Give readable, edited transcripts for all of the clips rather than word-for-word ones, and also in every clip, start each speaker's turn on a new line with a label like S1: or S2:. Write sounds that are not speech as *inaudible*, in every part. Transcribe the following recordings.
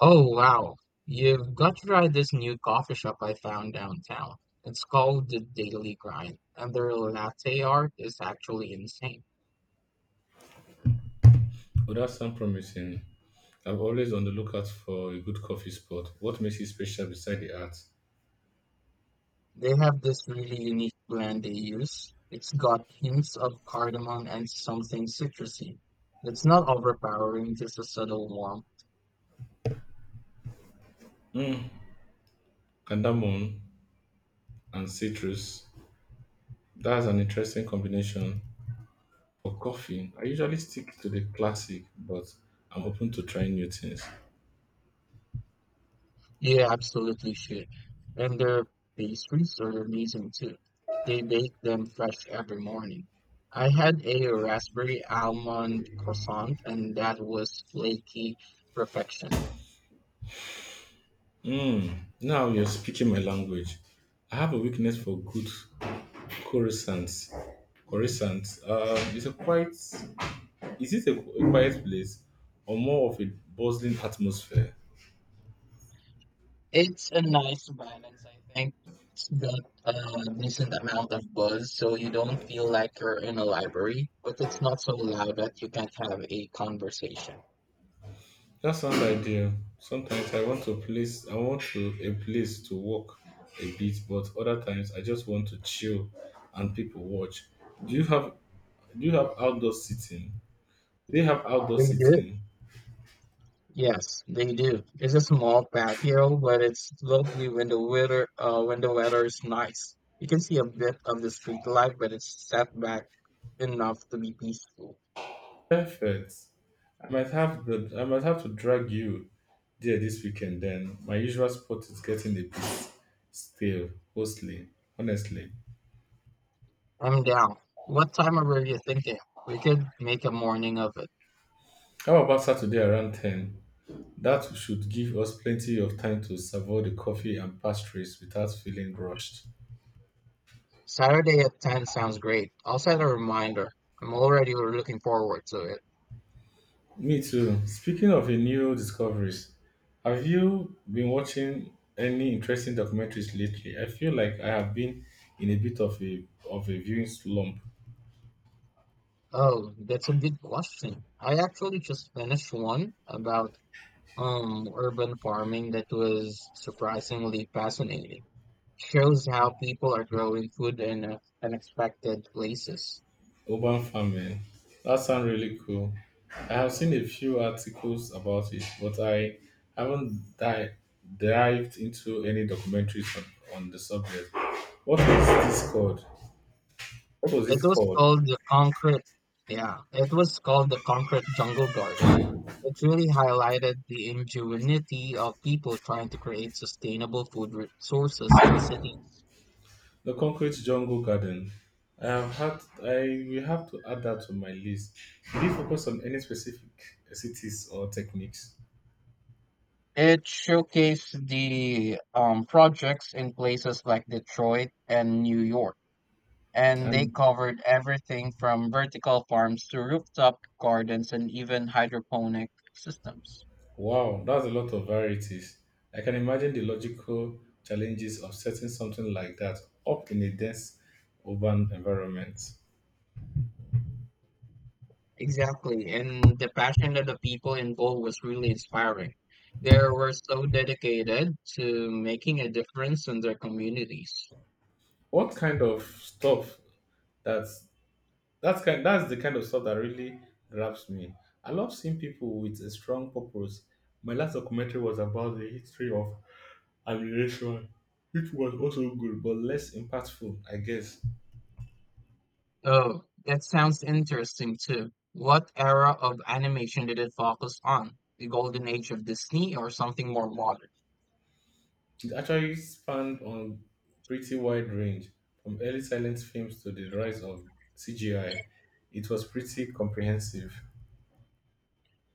S1: Oh wow, you've got to try this new coffee shop I found downtown. It's called the Daily Grind, and their latte art is actually insane.
S2: Well, that sounds promising. I'm always on the lookout for a good coffee spot. What makes it special beside the art?
S1: They have this really unique blend they use. It's got hints of cardamom and something citrusy. It's not overpowering, just a subtle warmth.
S2: Mm. Cardamom and citrus. That's an interesting combination for coffee. I usually stick to the classic, but I'm open to trying new things.
S1: Yeah, absolutely should. And their pastries are amazing too. They bake them fresh every morning. I had a raspberry almond croissant, and that was flaky perfection.
S2: Mm. Now you're speaking my language. I have a weakness for good croissants. Croissants. It's a quiet. Is it a quiet place or more of a bustling atmosphere?
S1: It's a nice balance, I think. It's got a decent amount of buzz, so you don't feel like you're in a library, but it's not so loud that you can't have a conversation.
S2: That sounds ideal. Sometimes I want to a place to walk a bit, but other times I just want to chill and people watch. Do you have do you have outdoor seating? Do you have outdoor
S1: They do.
S2: seating?
S1: Yes, they do. It's a small patio, but it's lovely when the weather is nice. You can see a bit of the street light, but it's set back enough to be peaceful.
S2: Perfect. I might have to drag you there this weekend then. My usual spot is getting a bit stale, mostly honestly.
S1: I'm down. What time are you thinking? We could make a morning of it.
S2: How about Saturday around ten? That should give us plenty of time to savour the coffee and pastries without feeling rushed.
S1: Saturday at 10 sounds great. I'll set a reminder. I'm already looking forward to it.
S2: Me too. Speaking of a new discoveries, have you been watching any interesting documentaries lately? I feel like I have been in a bit of a viewing slump.
S1: Oh, that's a good question. I actually just finished one about urban farming that was surprisingly fascinating. Shows how people are growing food in unexpected places.
S2: Urban farming. That sounds really cool. I have seen a few articles about it, but I haven't di- dived into any documentaries on the subject. What is this called? What was
S1: It
S2: it
S1: was
S2: called?
S1: called the concrete jungle garden. It really highlighted the ingenuity of people trying to create sustainable food resources in cities.
S2: The Concrete Jungle Garden. I have had I will have to add that to my list. Did you focus on any specific cities or techniques?
S1: It showcased the projects in places like Detroit and New York, and they
S2: And
S1: covered everything from vertical farms to rooftop gardens and even hydroponic systems.
S2: wow, that's a lot of varieties. I can imagine the logical challenges of setting something like that up in a dense urban environment.
S1: Exactly, and the passion that the people involved was really inspiring. They were so dedicated to making a difference in their communities.
S2: What kind of stuff that That's kind. That's the kind of stuff that really grabs me. I love seeing people with a strong purpose. My last documentary was about the history of aviation, which was also good but less impactful, I guess.
S1: Oh, that sounds interesting too. What era of animation did it focus on? The golden age of Disney or something more modern?
S2: It actually spanned on pretty wide range, from early silent films to the rise of CGI. It was pretty comprehensive.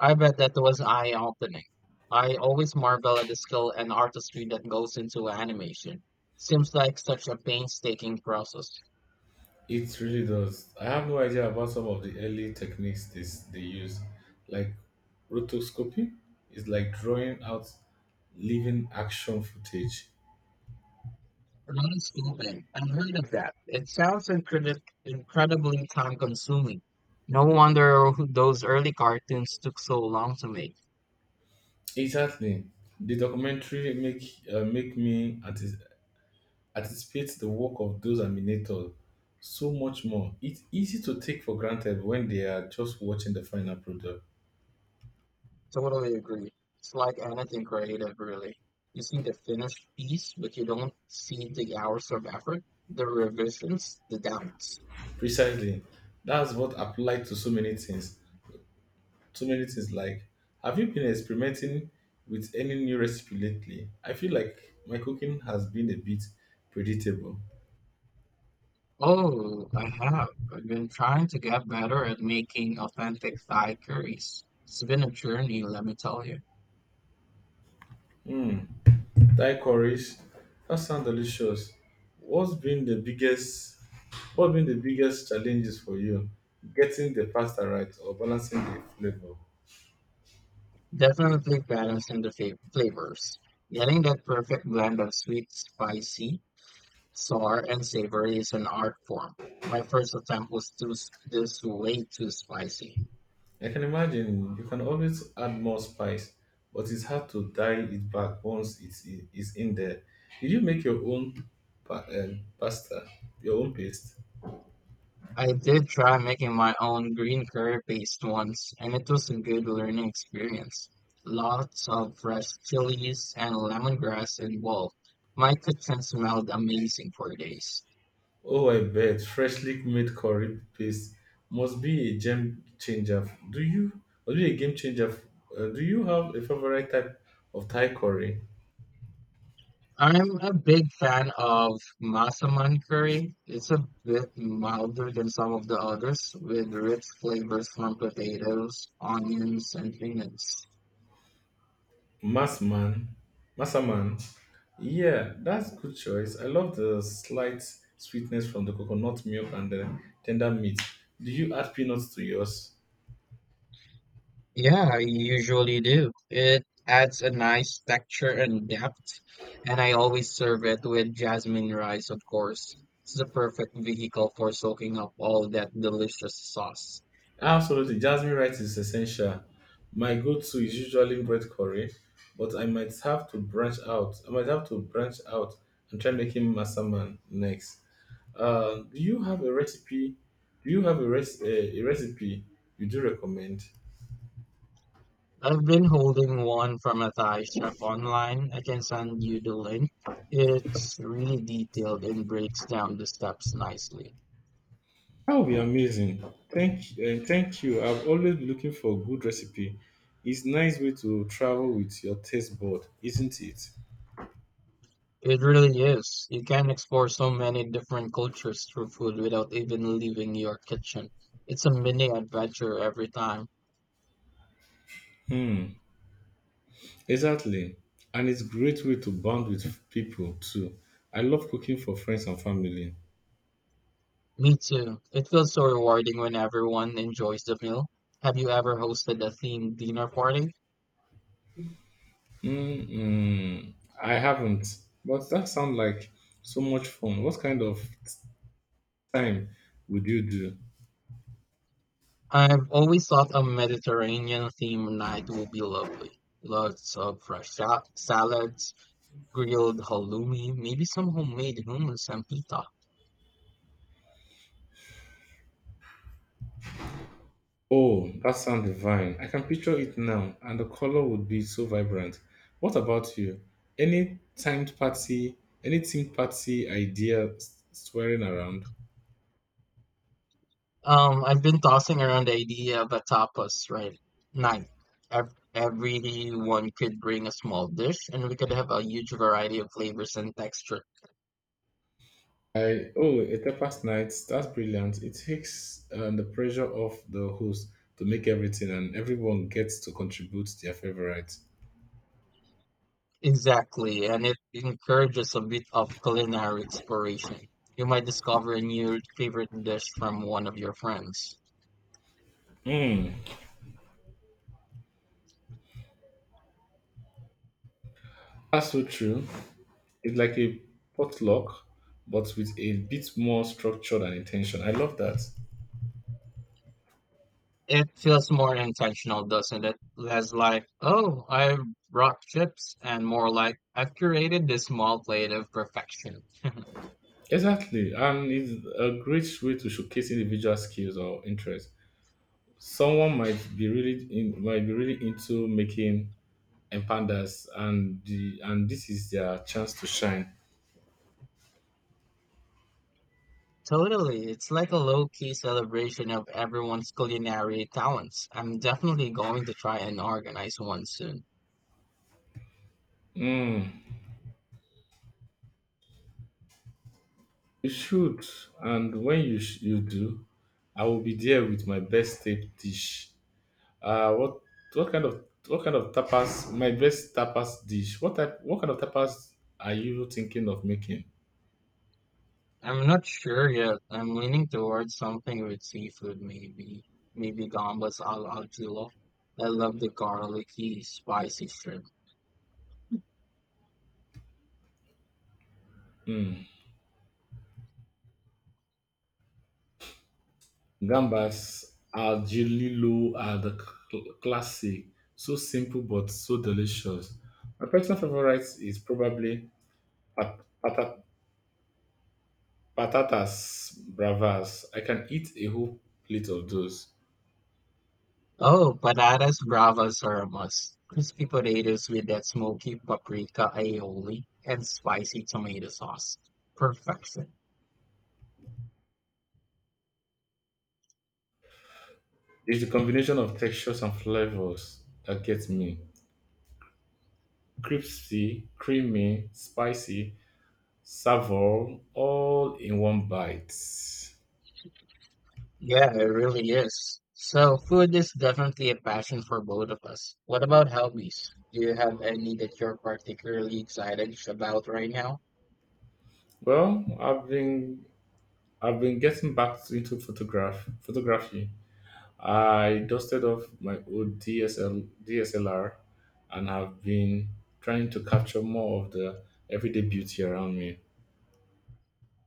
S1: I bet that was eye-opening. I always marvel at the skill and artistry that goes into animation. Seems like such a painstaking process.
S2: It really does. I have no idea about some of the early techniques they use, like rotoscopy is like drawing out living action footage.
S1: Rotoscoping. I've heard of that. It sounds incredibly time consuming. No wonder those early cartoons took so long to make.
S2: Exactly. The documentary make anticipate the work of those animators so much more. It's easy to take for granted when they are just watching the final product.
S1: Totally agree. It's like anything creative, really. You see the finished piece, but you don't see the hours of effort, the revisions, the doubts.
S2: Precisely. That's what applied to so many things. Like, have you been experimenting with any new recipe lately? I feel like my cooking has been a bit predictable.
S1: Oh, I have. I've been trying to get better at making authentic Thai curries. It's been a journey, let me tell you.
S2: Hmm. Thai curries. That sounds delicious. What's been the biggest what's been the biggest challenges for you? Getting the pasta right or balancing the flavor?
S1: Definitely balancing the flavors. Getting that perfect blend of sweet, spicy, sour, and savory is an art form. My first attempt was too s- this way too spicy.
S2: I can imagine you can always add more spice, but it's hard to dial it back once it's in there. Did you make your own pa- uh, pasta, your own paste?
S1: I did try making my own green curry paste once, and it was a good learning experience. Lots of fresh chilies and lemongrass involved. My kitchen smelled amazing for days.
S2: Oh, I bet freshly made curry paste must be a game changer. Do you? Must be a game changer. Do you have a favorite type of Thai curry?
S1: I'm a big fan of masaman curry. It's a bit milder than some of the others, with rich flavors from potatoes, onions, and peanuts.
S2: Massman, Massaman. Yeah, that's good choice. I love the slight sweetness from the coconut milk and the tender meat. Do you add peanuts to yours?
S1: Yeah, I usually do. It adds a nice texture and depth, and I always serve it with jasmine rice, of course. It's the perfect vehicle for soaking up all that delicious sauce.
S2: Absolutely. Jasmine rice is essential. My go-to is usually bread curry, but I might have to branch out and try making masaman next. Uh, do you have a recipe? Do you have a recipe you do recommend?
S1: I've been holding one from a Thai chef online. I can send you the link. It's really detailed and breaks down the steps nicely.
S2: That would be amazing. Thank you. I've always been looking for a good recipe. It's nice way to travel with your taste board, isn't it?
S1: It really is. You can explore so many different cultures through food without even leaving your kitchen. It's a mini adventure every time.
S2: Hmm. Exactly. And it's great way to bond with people too. I love cooking for friends and family.
S1: Me too. It feels so rewarding when everyone enjoys the meal. Have you ever hosted a themed dinner party?
S2: Mm-mm, I haven't, but that sounds like so much fun. What kind of time would you do?
S1: I've always thought a Mediterranean themed night would be lovely. Lots of fresh salads, grilled halloumi, maybe some homemade hummus and pita.
S2: Oh, that sounds divine. I can picture it now, and the color would be so vibrant. What about you? Any timed party, any themed swirling around?
S1: I've been tossing around the idea of a tapas night. Everyone could bring a small dish, and we could have a huge variety of flavors and texture.
S2: A tapas night. That's brilliant. It takes the pressure off the host to make everything, and everyone gets to contribute their favorite.
S1: Exactly, and it encourages a bit of culinary exploration. You might discover a new favorite dish from one of your friends.
S2: Mm, that's so true. It's like a potluck, but with a bit more structure and intention. I love that.
S1: It feels more intentional, doesn't it? Less like, oh, I brought chips, and more like, I've curated this small plate of perfection. *laughs*
S2: Exactly, and it's a great way to showcase individual skills or interests. Someone might be really into making empandas, and the and this is their chance to shine.
S1: Totally. It's like a low key celebration of everyone's culinary talents. I'm definitely going to try and organize one soon.
S2: Mm, you should, and when you do, I will be there with my best tape dish. Uh, what what kind of tapas? My best tapas dish. What type? What kind of tapas are you thinking of making?
S1: I'm not sure yet. I'm leaning towards something with seafood, maybe. Maybe gambas al ajillo. I love the garlicky, spicy shrimp.
S2: Hmm. Gambas al Gililo are the classic, so simple but so delicious. My personal favorite is probably pat- pata- patatas bravas. I can eat a whole plate of those.
S1: Oh, patatas bravas are a must. Crispy potatoes with that smoky paprika aioli and spicy tomato sauce. Perfection.
S2: It's the combination of textures and flavors that gets me. Crispy, creamy, spicy, savour, all in one bite.
S1: Yeah, it really is. So, food is definitely a passion for both of us. What about hobbies? Do you have any that you're particularly excited about right now?
S2: Well, I've been getting into photography. I dusted off my old DSLR and have been trying to capture more of the everyday beauty around me.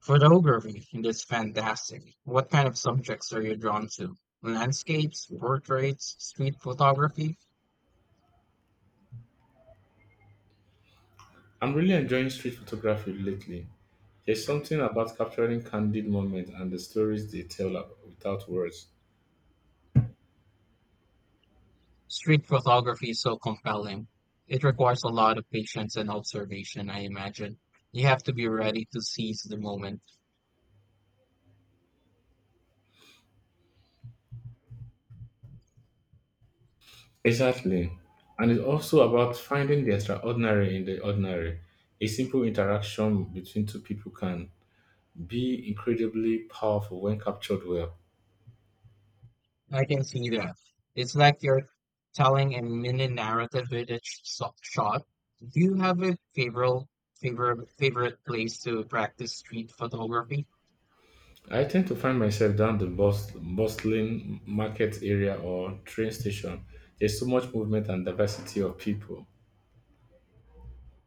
S1: Photography is fantastic. What kind of subjects are you drawn to? Landscapes, portraits, street photography?
S2: I'm really enjoying street photography lately. There's something about capturing candid moments and the stories they without words.
S1: Street photography is so compelling. It requires a lot of patience and observation, I imagine. You have to be ready to seize the moment.
S2: Exactly. And it's also about finding the extraordinary in the ordinary. A simple interaction between two people can be incredibly powerful when captured well.
S1: I can see that. It's like you're telling a mini narrative with each shot. Do you have a favorite place to practice street photography?
S2: I tend to find myself down the bustling market area or train station. There's so much movement and diversity of people.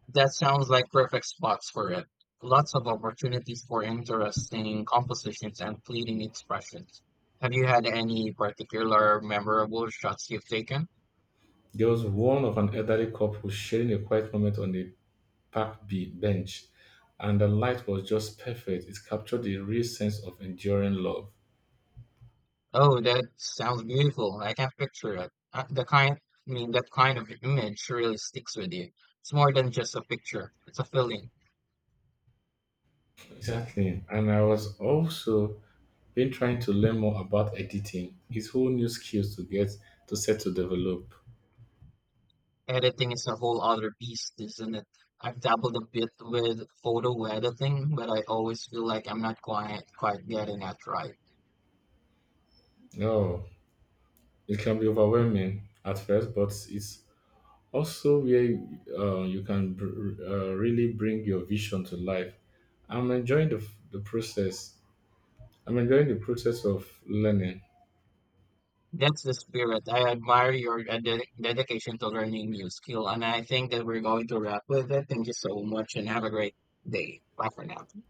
S1: That sounds like perfect spots for it. Lots of opportunities for interesting compositions and fleeting expressions. Have you had any particular memorable shots you've taken?
S2: There was one of an elderly couple sharing a quiet moment on a bench, and the light was just perfect. It captured the real sense of enduring love.
S1: Oh, that sounds beautiful. I can picture it. The kind, I mean, that kind of image really sticks with you. It's more than just a picture, it's a feeling.
S2: Exactly. And I was also been trying to learn more about editing. It's whole new skills to get to set to develop.
S1: Editing is a whole other beast, isn't it? I've dabbled a bit with photo editing, but I always feel like I'm not quite getting it right.
S2: Oh, it can be overwhelming at first, but it's also where you can really bring your vision to life. i'm enjoying the, the process I'm enjoying the process of learning.
S1: That's the spirit. I admire your dedication to learning new skill, and I think that we're going to wrap with it. Thank you so much, and have a great day. Bye for now.